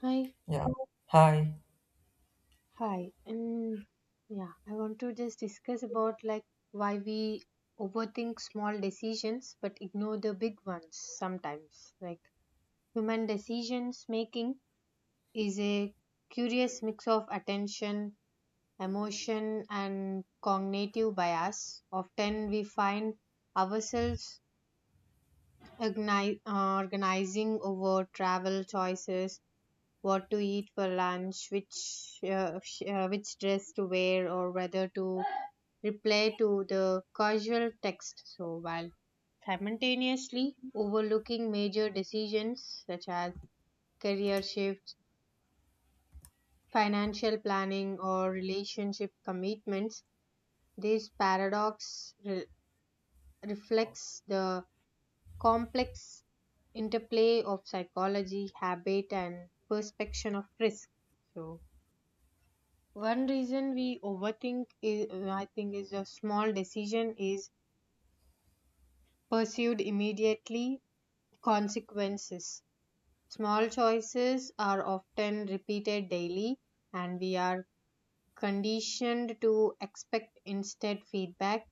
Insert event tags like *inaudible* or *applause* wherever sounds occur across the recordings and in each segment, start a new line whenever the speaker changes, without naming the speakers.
Hi,
Yeah. Hi.
hi. And yeah, I want to just discuss about like why we overthink small decisions but ignore the big ones sometimes. Like human decisions making is a curious mix of attention, emotion, and cognitive bias. Often we find ourselves organizing over travel choices, what to eat for lunch, which dress to wear, or whether to reply to the casual text. So while simultaneously overlooking major decisions such as career shifts, financial planning, or relationship commitments, this paradox reflects the complex interplay of psychology, habit, and perception of risk. So one reason we overthink, is, a small decision is pursued immediately consequences. Small choices are often repeated daily, and we are conditioned to expect instant feedback.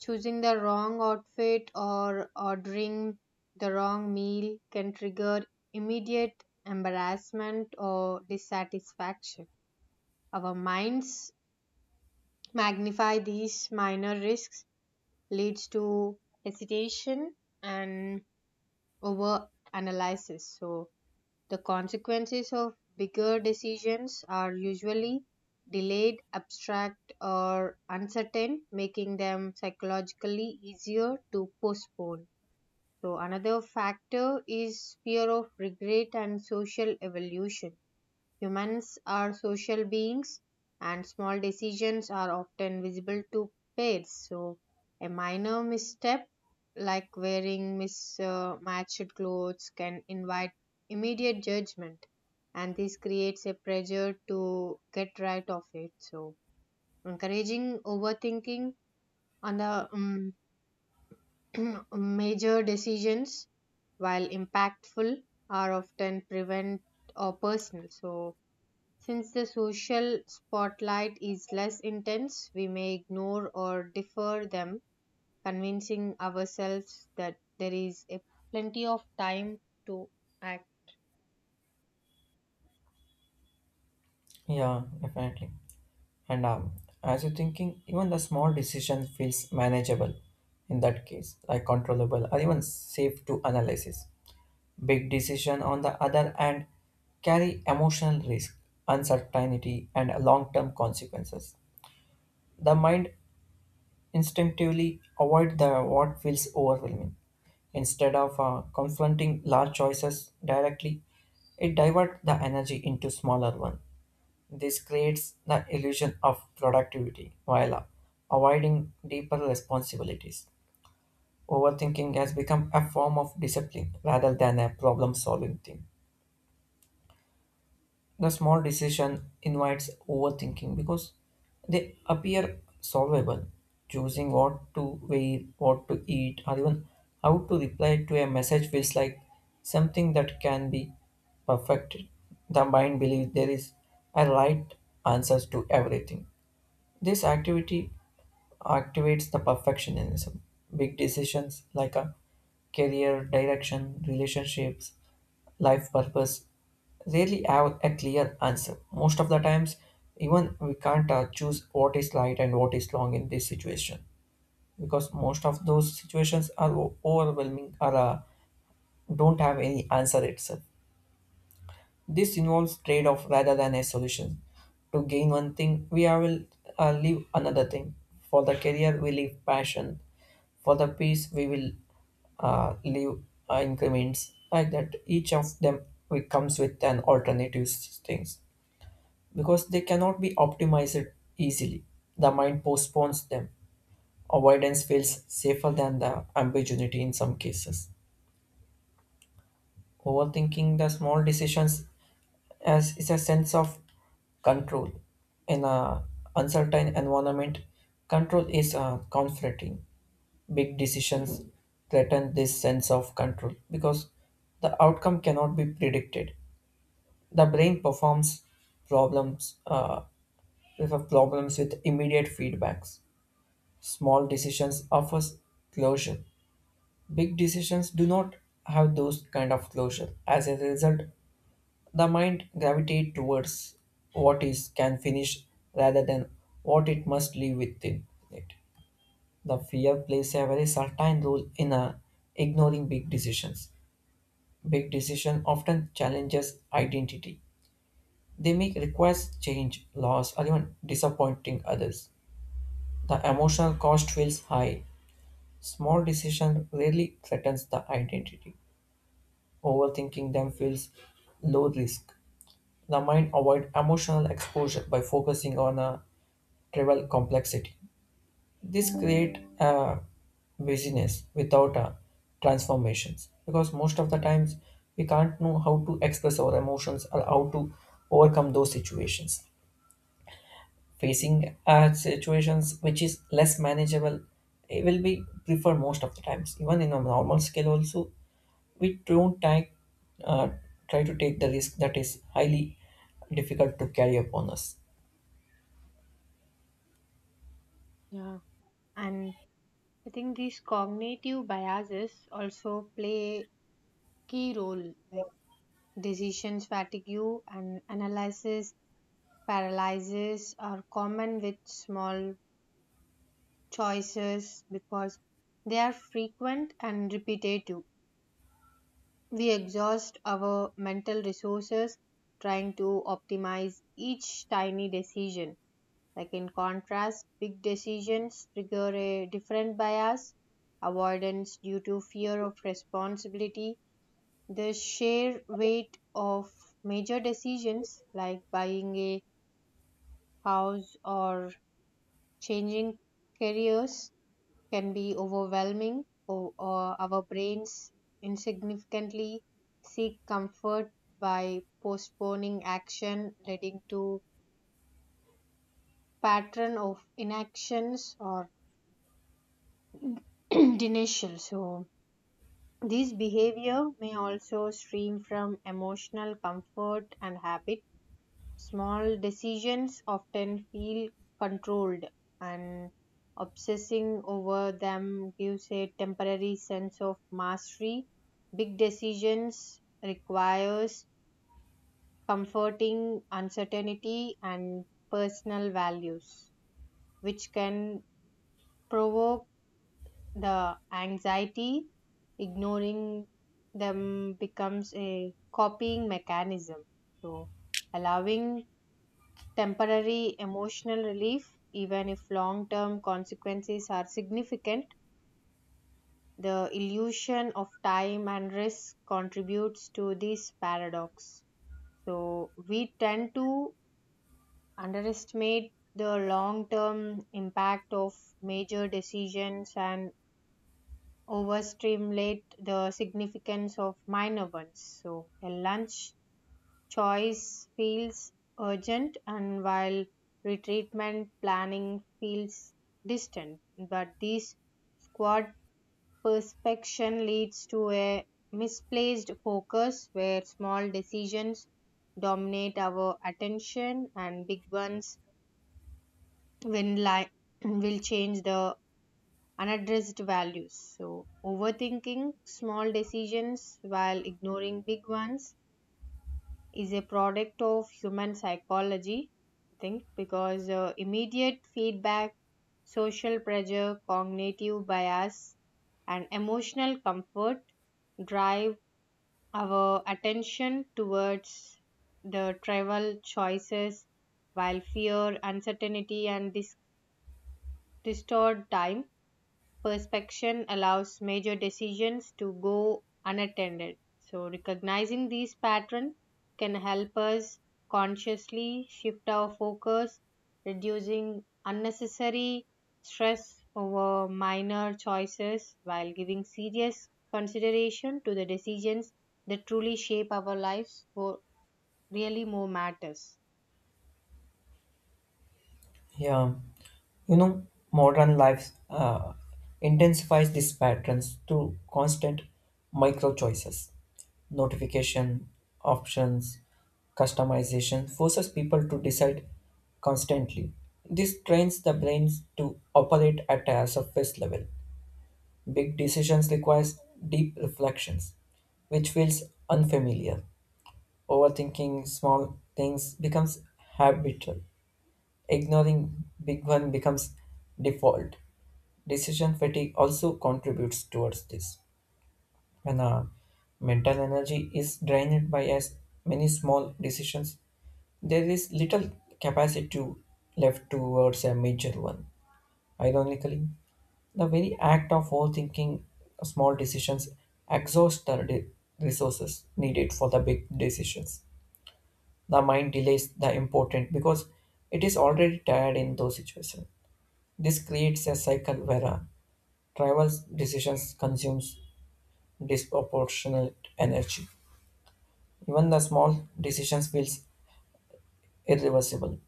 Choosing the wrong outfit or ordering the wrong meal can trigger immediate embarrassment or dissatisfaction. Our minds magnify these minor risks leads to hesitation and over analysis. So, the consequences of bigger decisions are usually delayed, abstract, or uncertain, making them psychologically easier to postpone. So, another factor is fear of regret and social evolution. Humans are social beings and small decisions are often visible to pairs. So, a minor misstep like wearing mismatched clothes can invite immediate judgment, and this creates a pressure to get right of it. So, encouraging overthinking on the *clears throat* major decisions, while impactful, are often prevent or personal. So, since the social spotlight is less intense, we may ignore or defer them, convincing ourselves that there is a plenty of time to act.
Yeah, definitely. And As you're thinking, even the small decision feels manageable in that case, like controllable or even safe to analysis. Big decision on the other hand carry emotional risk, uncertainty, and long-term consequences. The mind instinctively avoid the what feels overwhelming. Instead of confronting large choices directly, it divert the energy into smaller ones. This creates the illusion of productivity while avoiding deeper responsibilities. Overthinking has become a form of discipline rather than a problem solving thing. The small decision invites overthinking because they appear solvable. Choosing what to wear, what to eat, or even how to reply to a message feels like something that can be perfected. The mind believes there is a right answer to everything. This activity activates the perfectionism. Big decisions like a career direction, relationships, life purpose rarely have a clear answer. Most of the times, even we can't choose what is right and what is wrong in this situation because most of those situations are overwhelming or don't have any answer itself. This involves trade off rather than a solution. To gain one thing, we are will leave another thing. For the career, we leave passion. For the peace, we will leave increments like that. Each of them we comes with an things because they cannot be optimized easily. The mind postpones them. Avoidance feels safer than the ambiguity in some cases. Overthinking the small decisions as is a sense of control in a uncertain environment. Control is comforting. Big decisions threaten this sense of control because the outcome cannot be predicted. The brain performs problems uh, problems with immediate feedbacks. Small decisions offers closure. Big decisions do not have those kind of closure as a result. The mind gravitates towards what is can finish rather than what it must live within it. The fear plays a very certain role in ignoring big decisions. Big decision often challenges identity. They make requires change, loss, or even disappointing others. The emotional cost feels high. Small decision rarely threatens the identity. Overthinking them feels low risk. The mind avoid emotional exposure by focusing on trivial complexity. This create a busyness without a transformations because most of the times we can't know how to express our emotions or how to overcome those situations. Facing situations which is less manageable, it will be preferred most of the times. Even in a normal scale, also we don't take, uh, try to take the risk that is highly difficult to carry upon us.
Yeah. And I think these cognitive biases also play a key role, like decisions fatigue and analysis paralysis are common with small choices because they are frequent and repetitive. We exhaust our mental resources trying to optimize each tiny decision. Like in contrast, big decisions trigger a different bias, avoidance due to fear of responsibility. The sheer weight of major decisions like buying a house or changing careers can be overwhelming, or our brains insignificantly seek comfort by postponing action, leading to pattern of inactions or *clears throat* denial. So this behavior may also stream from emotional comfort and habit. Small decisions often feel controlled, and obsessing over them gives a temporary sense of mastery. Big decisions requires comforting uncertainty and personal values, which can provoke the anxiety. Ignoring them becomes a copying mechanism. So allowing temporary emotional relief, even if long term consequences are significant. The illusion of time and risk contributes to this paradox. So, we tend to underestimate the long term impact of major decisions and overstimulate the significance of minor ones. So, a lunch choice feels urgent, and while retreatment planning feels distant. But this squad perspection leads to a misplaced focus where small decisions dominate our attention and big ones when li- *clears throat* will change the unaddressed values. So overthinking small decisions while ignoring big ones is a product of human psychology, I think, because immediate feedback, social pressure, cognitive bias, and emotional comfort drive our attention towards the travel choices, while fear, uncertainty, and distort time perspection allows major decisions to go unattended. So, recognizing these patterns can help us consciously shift our focus, reducing unnecessary stress over minor choices while giving serious consideration to the decisions that truly shape our lives for really more matters.
Yeah, you know, modern life intensifies these patterns through constant micro choices, notification options, customization forces people to decide constantly. This trains the brains to operate at a surface level. Big decisions requires deep reflections, which feels unfamiliar. Overthinking small things becomes habitual. Ignoring big one becomes default. Decision fatigue also contributes towards this. When our mental energy is drained by as many small decisions, there is little capacity to left towards a major one. Ironically, the very act of overthinking small decisions exhausts the resources needed for the big decisions. The mind delays the important because it is already tired in those situations. This creates a cycle where a tribal decisions consumes disproportionate energy. Even the small decisions feels irreversible.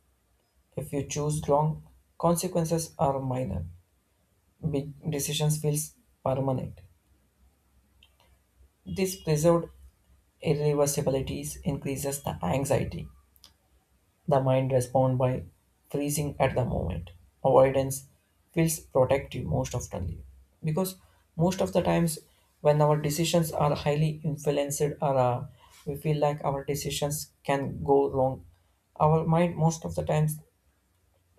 If you choose wrong, consequences are minor. Big decisions feels permanent. This preserved irreversibilities increases the anxiety. The mind responds by freezing at the moment. Avoidance feels protective most often because most of the times when our decisions are highly influenced or we feel like our decisions can go wrong, our mind most of the times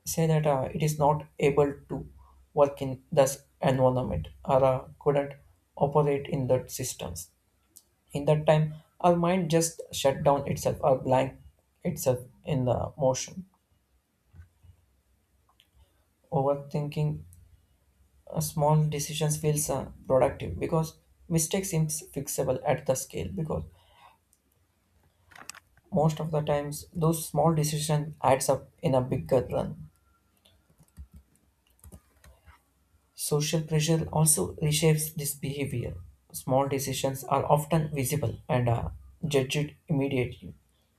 say that it is not able to work in this environment or couldn't operate in that systems. In that time, our mind just shut down itself or blank itself in the motion. Overthinking small decisions feels productive because mistake seems fixable at the scale because most of the times those small decisions adds up in a bigger run. Social pressure also reshapes this behavior. Small decisions are often visible and are judged immediately.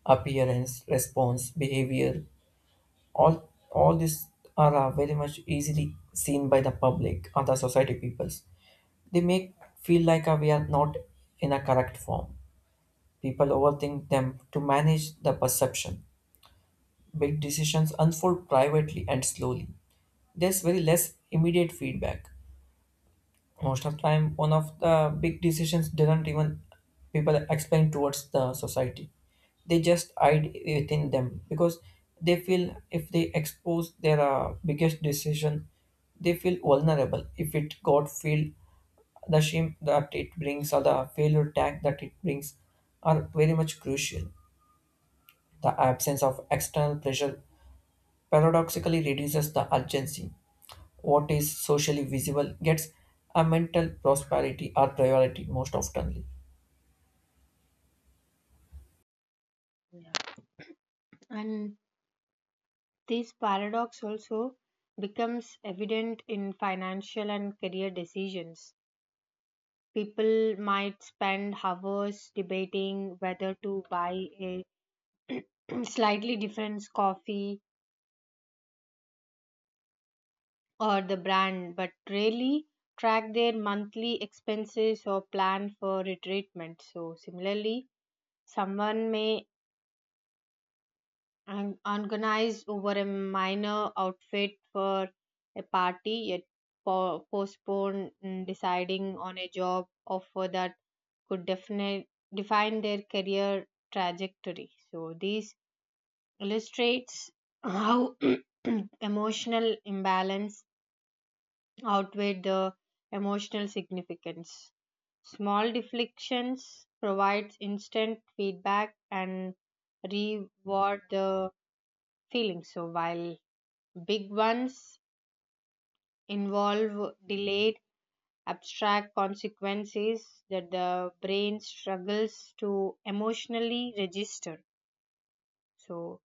Appearance, response, behavior, all these are very much easily seen by the public or the society peoples. They make feel like we are not in a correct form. People overthink them to manage the perception. Big decisions unfold privately and slowly. There's very less immediate feedback. Most of the time, one of the big decisions didn't even people explain towards the society. They just hide within them because they feel if they expose their biggest decision, they feel vulnerable if it got feel the shame that it brings or the failure tag that it brings are very much crucial. The absence of external pressure paradoxically reduces the urgency. What is socially visible gets a mental prosperity or priority most oftenly.
And this paradox also becomes evident in financial and career decisions. People might spend hours debating whether to buy a *clears throat* slightly different coffee or the brand, but rarely track their monthly expenses or plan for retreatment. So, similarly, someone may and organized over a minor outfit for a party, yet postponed deciding on a job offer that could define their career trajectory. So this illustrates how *clears throat* emotional imbalance outweigh the emotional significance. Small deflections provides instant feedback and reward the feeling. So while big ones involve delayed abstract consequences that the brain struggles to emotionally register. So,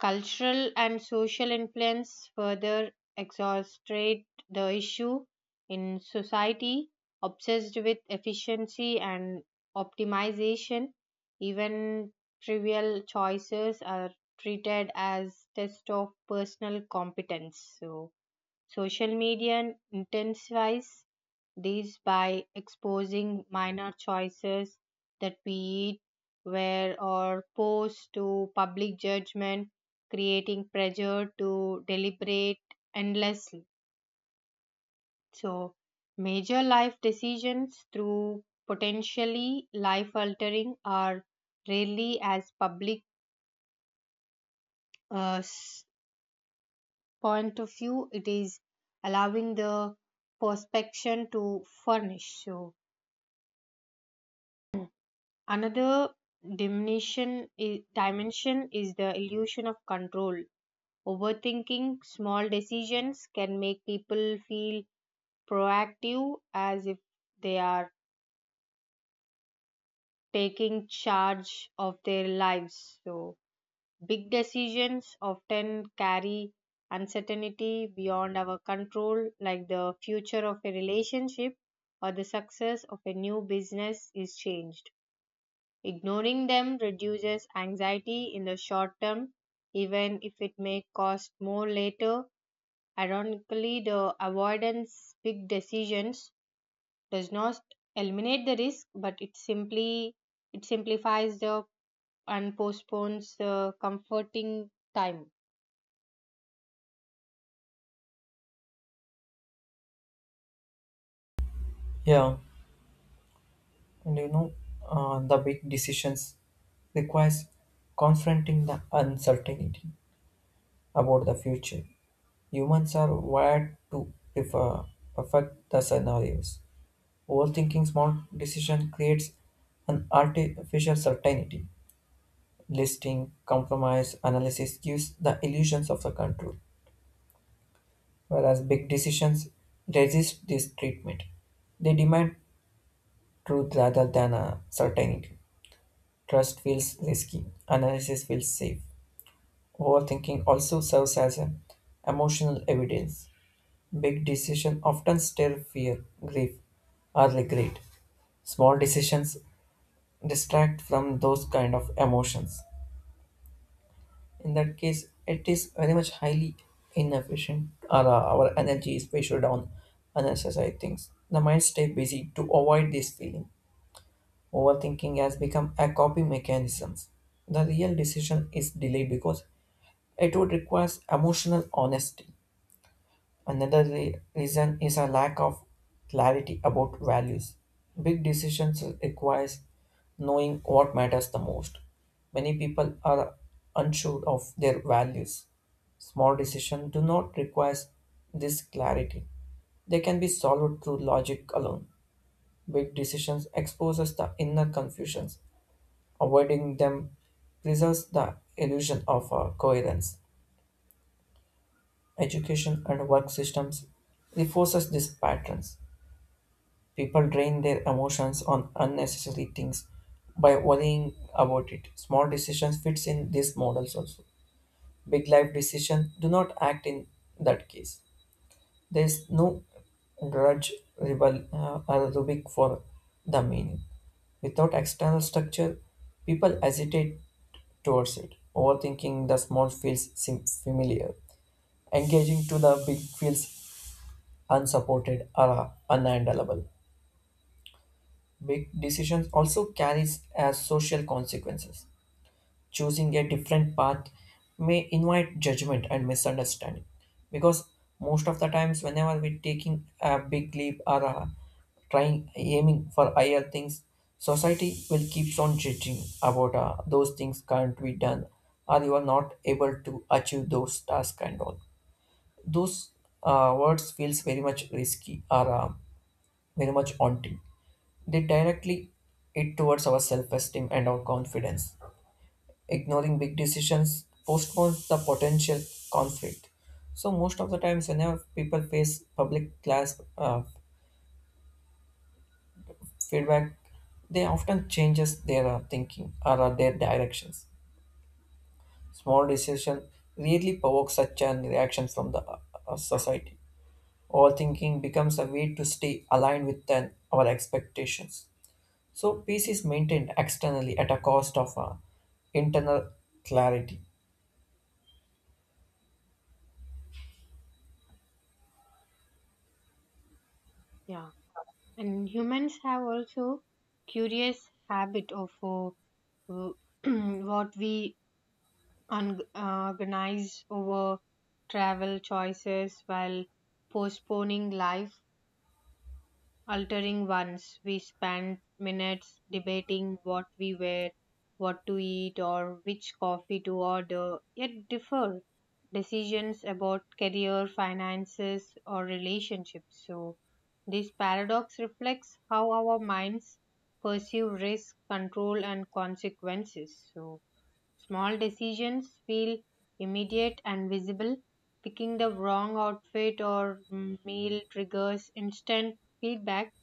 cultural and social influence further exacerbate the issue in society obsessed with efficiency and optimization. Even trivial choices are treated as test of personal competence. So, social media intensifies these by exposing minor choices that we eat, wear, or post to public judgment, creating pressure to deliberate endlessly. So, major life decisions through potentially life altering are rarely as public uh, s- point of view, it is allowing the perspection to furnish. So another dimension is the illusion of control. Overthinking small decisions can make people feel proactive as if they are taking charge of their lives. So, big decisions often carry uncertainty beyond our control, like the future of a relationship or the success of a new business is changed. Ignoring them reduces anxiety in the short term, even if it may cost more later. Ironically, the avoidance big decisions does not eliminate the risk, but it simplifies the and postpones the comforting time.
Yeah, and you know, the big decisions requires confronting the uncertainty about the future. Humans are wired to prefer perfect the scenarios. Overthinking small decision creates an artificial certainty. Listing, compromise, analysis gives the illusions of the control, whereas big decisions resist this treatment. They demand truth rather than a certainty. Trust feels risky, analysis feels safe. Overthinking also serves as an emotional evidence. Big decisions often stir fear, grief, or regret. Small decisions distract from those kind of emotions. In that case, it is very much highly inefficient. Our energy is wasted on unnecessary things. The mind stays busy to avoid this feeling. Overthinking has become a coping mechanism. The real decision is delayed because it would require emotional honesty. Another reason is a lack of clarity about values. Big decisions requires knowing what matters the most. Many people are unsure of their values. Small decisions do not require this clarity. They can be solved through logic alone. Big decisions exposes the inner confusions. Avoiding them preserves the illusion of coherence. Education and work systems reinforces these patterns. People drain their emotions on unnecessary things by worrying about it. Small decisions fits in these models also. Big life decisions do not act in that case. There is no grudge, rebel, or rubric for the meaning. Without external structure, people hesitate towards it. Overthinking the familiar. Engaging to the big feels unsupported or unhandleable. Big decisions also carries as social consequences. Choosing a different path may invite judgment and misunderstanding because most of the times whenever we're taking a big leap or trying aiming for higher things society will keeps on judging about those things can't be done or you are not able to achieve those tasks and all those words feels very much risky or very much haunting. They directly it towards our self-esteem and our confidence. Ignoring big decisions postpones the potential conflict. So most of the times, whenever people face public class feedback, they often changes their thinking or their directions. Small decision really provokes such an reaction from the society. Overthinking becomes a way to stay aligned with an, our expectations. So peace is maintained externally at a cost of internal clarity.
Yeah, and humans have also curious habit of *clears throat* what we agonize over travel choices while postponing life altering ones. We spend minutes debating what we wear, what to eat, or which coffee to order, yet differ decisions about career, finances, or relationships. So, this paradox reflects how our minds perceive risk, control, and consequences. So, small decisions feel immediate and visible. Picking the wrong outfit or meal triggers instant feedback.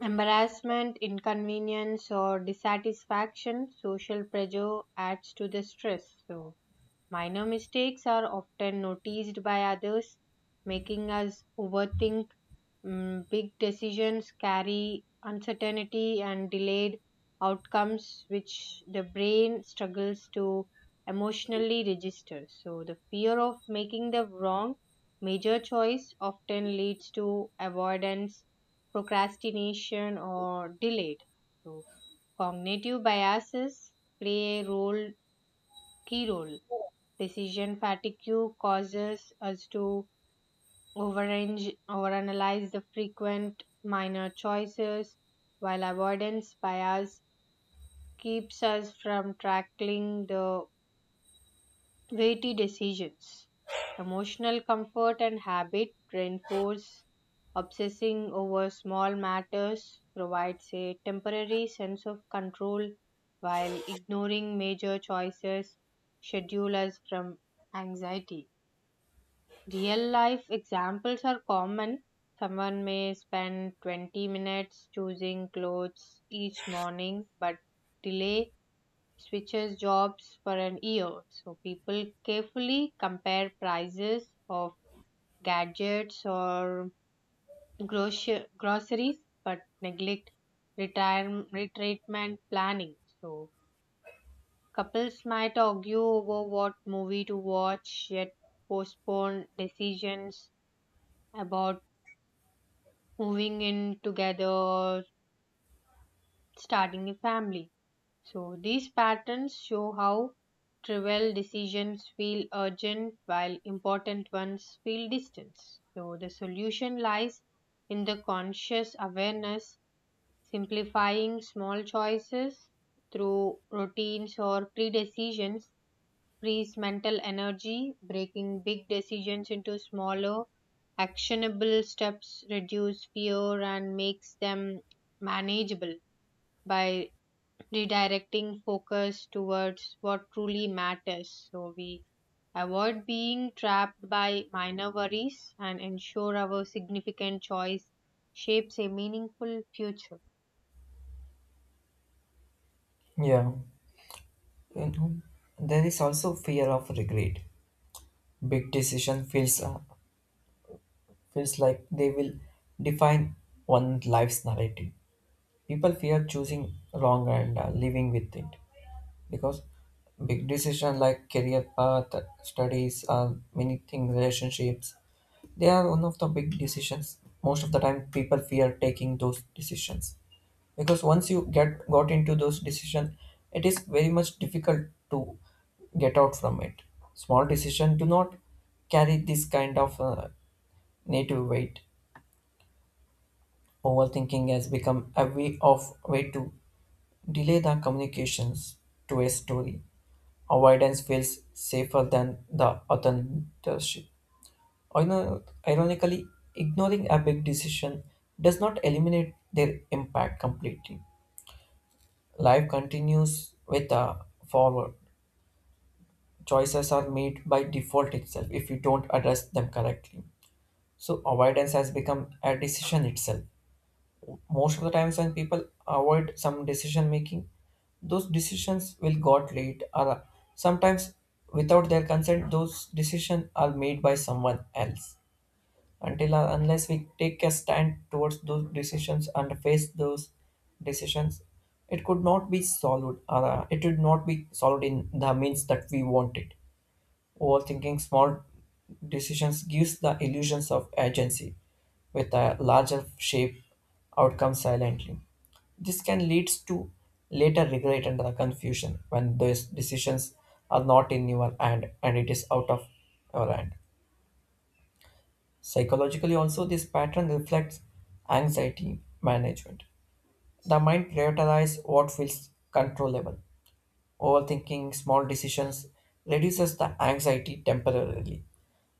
Embarrassment, inconvenience, or dissatisfaction, social pressure adds to the stress. So, minor mistakes are often noticed by others, making us overthink. Big decisions carry uncertainty and delayed outcomes, which the brain struggles to emotionally register. So, the fear of making the wrong major choice often leads to avoidance, procrastination, or delayed. So, cognitive biases play a role key role. Decision fatigue causes us to overrange, overanalyze the frequent minor choices, while avoidance bias keeps us from tackling the weighty decisions. Emotional comfort and habit reinforce obsessing over small matters provides a temporary sense of control while ignoring major choices schedule us from anxiety. Real life examples are common. Someone may spend 20 minutes choosing clothes each morning, but delay switches jobs for an year. So people carefully compare prices of gadgets or groceries, but neglect retirement planning. So couples might argue over what movie to watch, yet postpone decisions about moving in together, or starting a family. So these patterns show how trivial decisions feel urgent while important ones feel distant. So the solution lies in the conscious awareness, simplifying small choices through routines or pre-decisions frees mental energy, breaking big decisions into smaller, actionable steps, reduce fear and makes them manageable by redirecting focus towards what truly matters. So we avoid being trapped by minor worries and ensure our significant choice shapes a meaningful future.
Yeah, you know, there is also fear of regret. Big decision feels like they will define one life's narrative. People fear choosing wrong and living with it because big decision like career path, studies, many things, relationships, they are one of the big decisions. Most of the time, people fear taking those decisions because once you get got into those decision it is very much difficult to get out from it. Small decision do not carry this kind of native weight. Overthinking has become a way to delay the communications to a story. Avoidance feels safer than the authorship. Ironically, ignoring a big decision does not eliminate their impact completely. Life continues with a forward. Choices are made by default itself if you don't address them correctly. So avoidance has become a decision itself. Most of the times when people avoid some decision making, those decisions will got late or sometimes without their consent those decisions are made by someone else until or unless we take a stand towards those decisions and face those decisions it could not be solved, it would not be solved in the means that we want it. Overthinking small decisions gives the illusions of agency with a larger shape outcome silently. This can lead to later regret and the confusion when those decisions are not in your hand and it is out of your hand. Psychologically, also, this pattern reflects anxiety management. The mind prioritizes what feels controllable. Overthinking small decisions reduces the anxiety temporarily.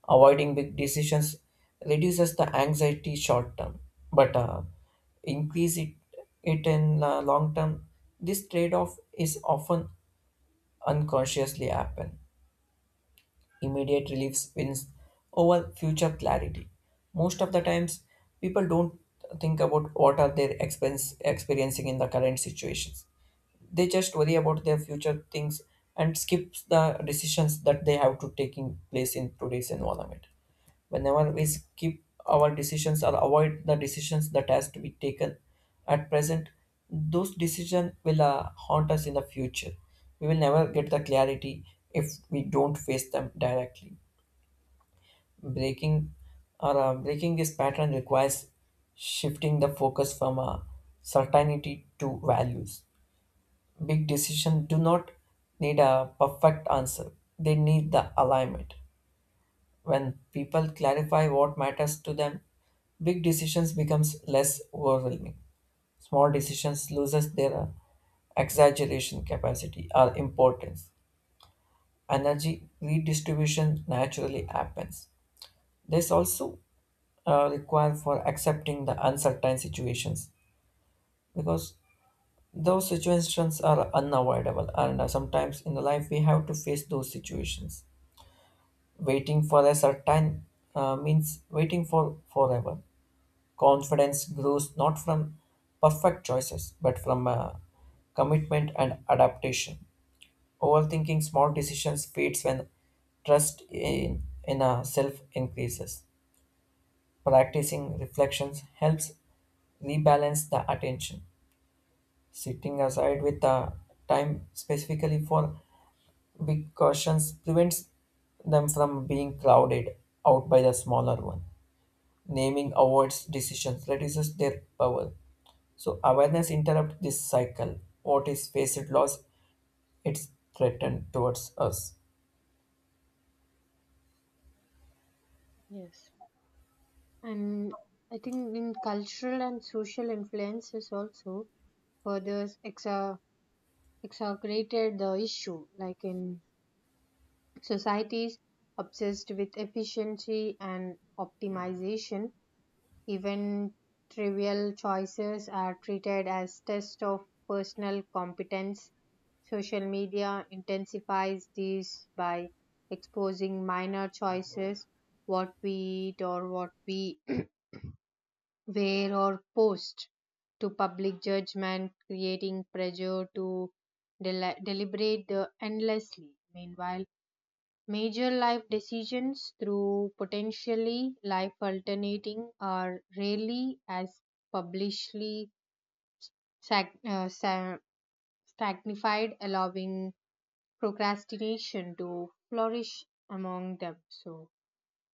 Avoiding big decisions reduces the anxiety short term, but increase it, it in long term. This trade off is often unconsciously happen. Immediate relief wins over future clarity. Most of the times, people don't think about what are experiencing in the current situations. They just worry about their future things and skips the decisions that they have to taking place in today's environment. Whenever we skip our decisions or avoid the decisions that has to be taken at present, those decisions will haunt us in the future. We will never get the clarity if we don't face them directly. breaking Breaking this pattern requires shifting the focus from certainty to values. Big decisions do not need a perfect answer. They need the alignment. When people clarify what matters to them, big decisions becomes less overwhelming. Small decisions loses their exaggeration capacity or importance. Energy redistribution naturally happens. This also require for accepting the uncertain situations because those situations are unavoidable, and sometimes in the life we have to face those situations. Waiting for a certain means waiting for forever. Confidence grows not from perfect choices, but from commitment and adaptation. Overthinking small decisions fades when trust in a self increases. Practicing reflections helps rebalance the attention. Sitting aside with the time specifically for big cautions prevents them from being crowded out by the smaller one. Naming awards decisions, reduces their power. So awareness interrupts this cycle. What is faced loss, it's threatened towards us.
Yes. And I think in cultural and social influences also further exacerbated the issue. Like in societies obsessed with efficiency and optimization, even trivial choices are treated as tests of personal competence. Social media intensifies these by exposing minor choices, what we eat or what we *clears throat* where or post to public judgment, creating pressure to deliberate the endlessly. Meanwhile, major life decisions through potentially life alternating are rarely as publicly sac- uh, sa- sanctified, allowing procrastination to flourish among them. So,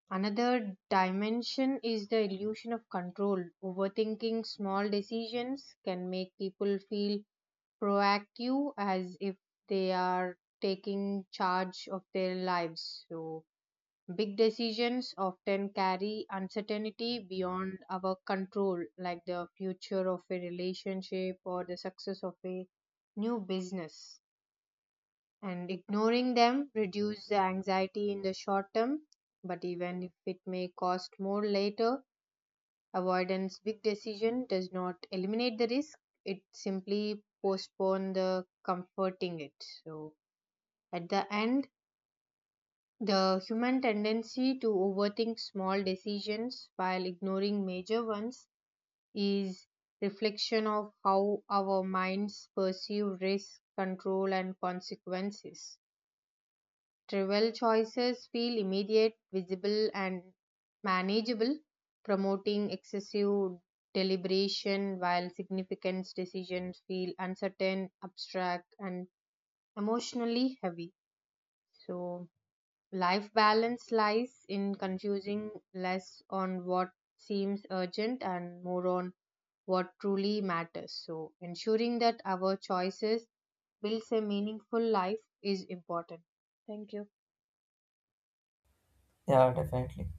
another dimension is the illusion of control. Overthinking small decisions can make people feel proactive as if they are taking charge of their lives. So, big decisions often carry uncertainty beyond our control, like the future of a relationship or the success of a new business, and ignoring them reduces the anxiety in the short term, but even if it may cost more later. Avoidance big decision does not eliminate the risk, it simply postpone the comforting it. So at the end, the human tendency to overthink small decisions while ignoring major ones is reflection of how our minds perceive risk, control, and consequences. Travel choices feel immediate, visible, and manageable, promoting excessive deliberation while significant decisions feel uncertain, abstract, and emotionally heavy. So, life balance lies in confusing less on what seems urgent and more on what truly matters. So, ensuring that our choices builds a meaningful life is important. Thank you.
Yeah, definitely.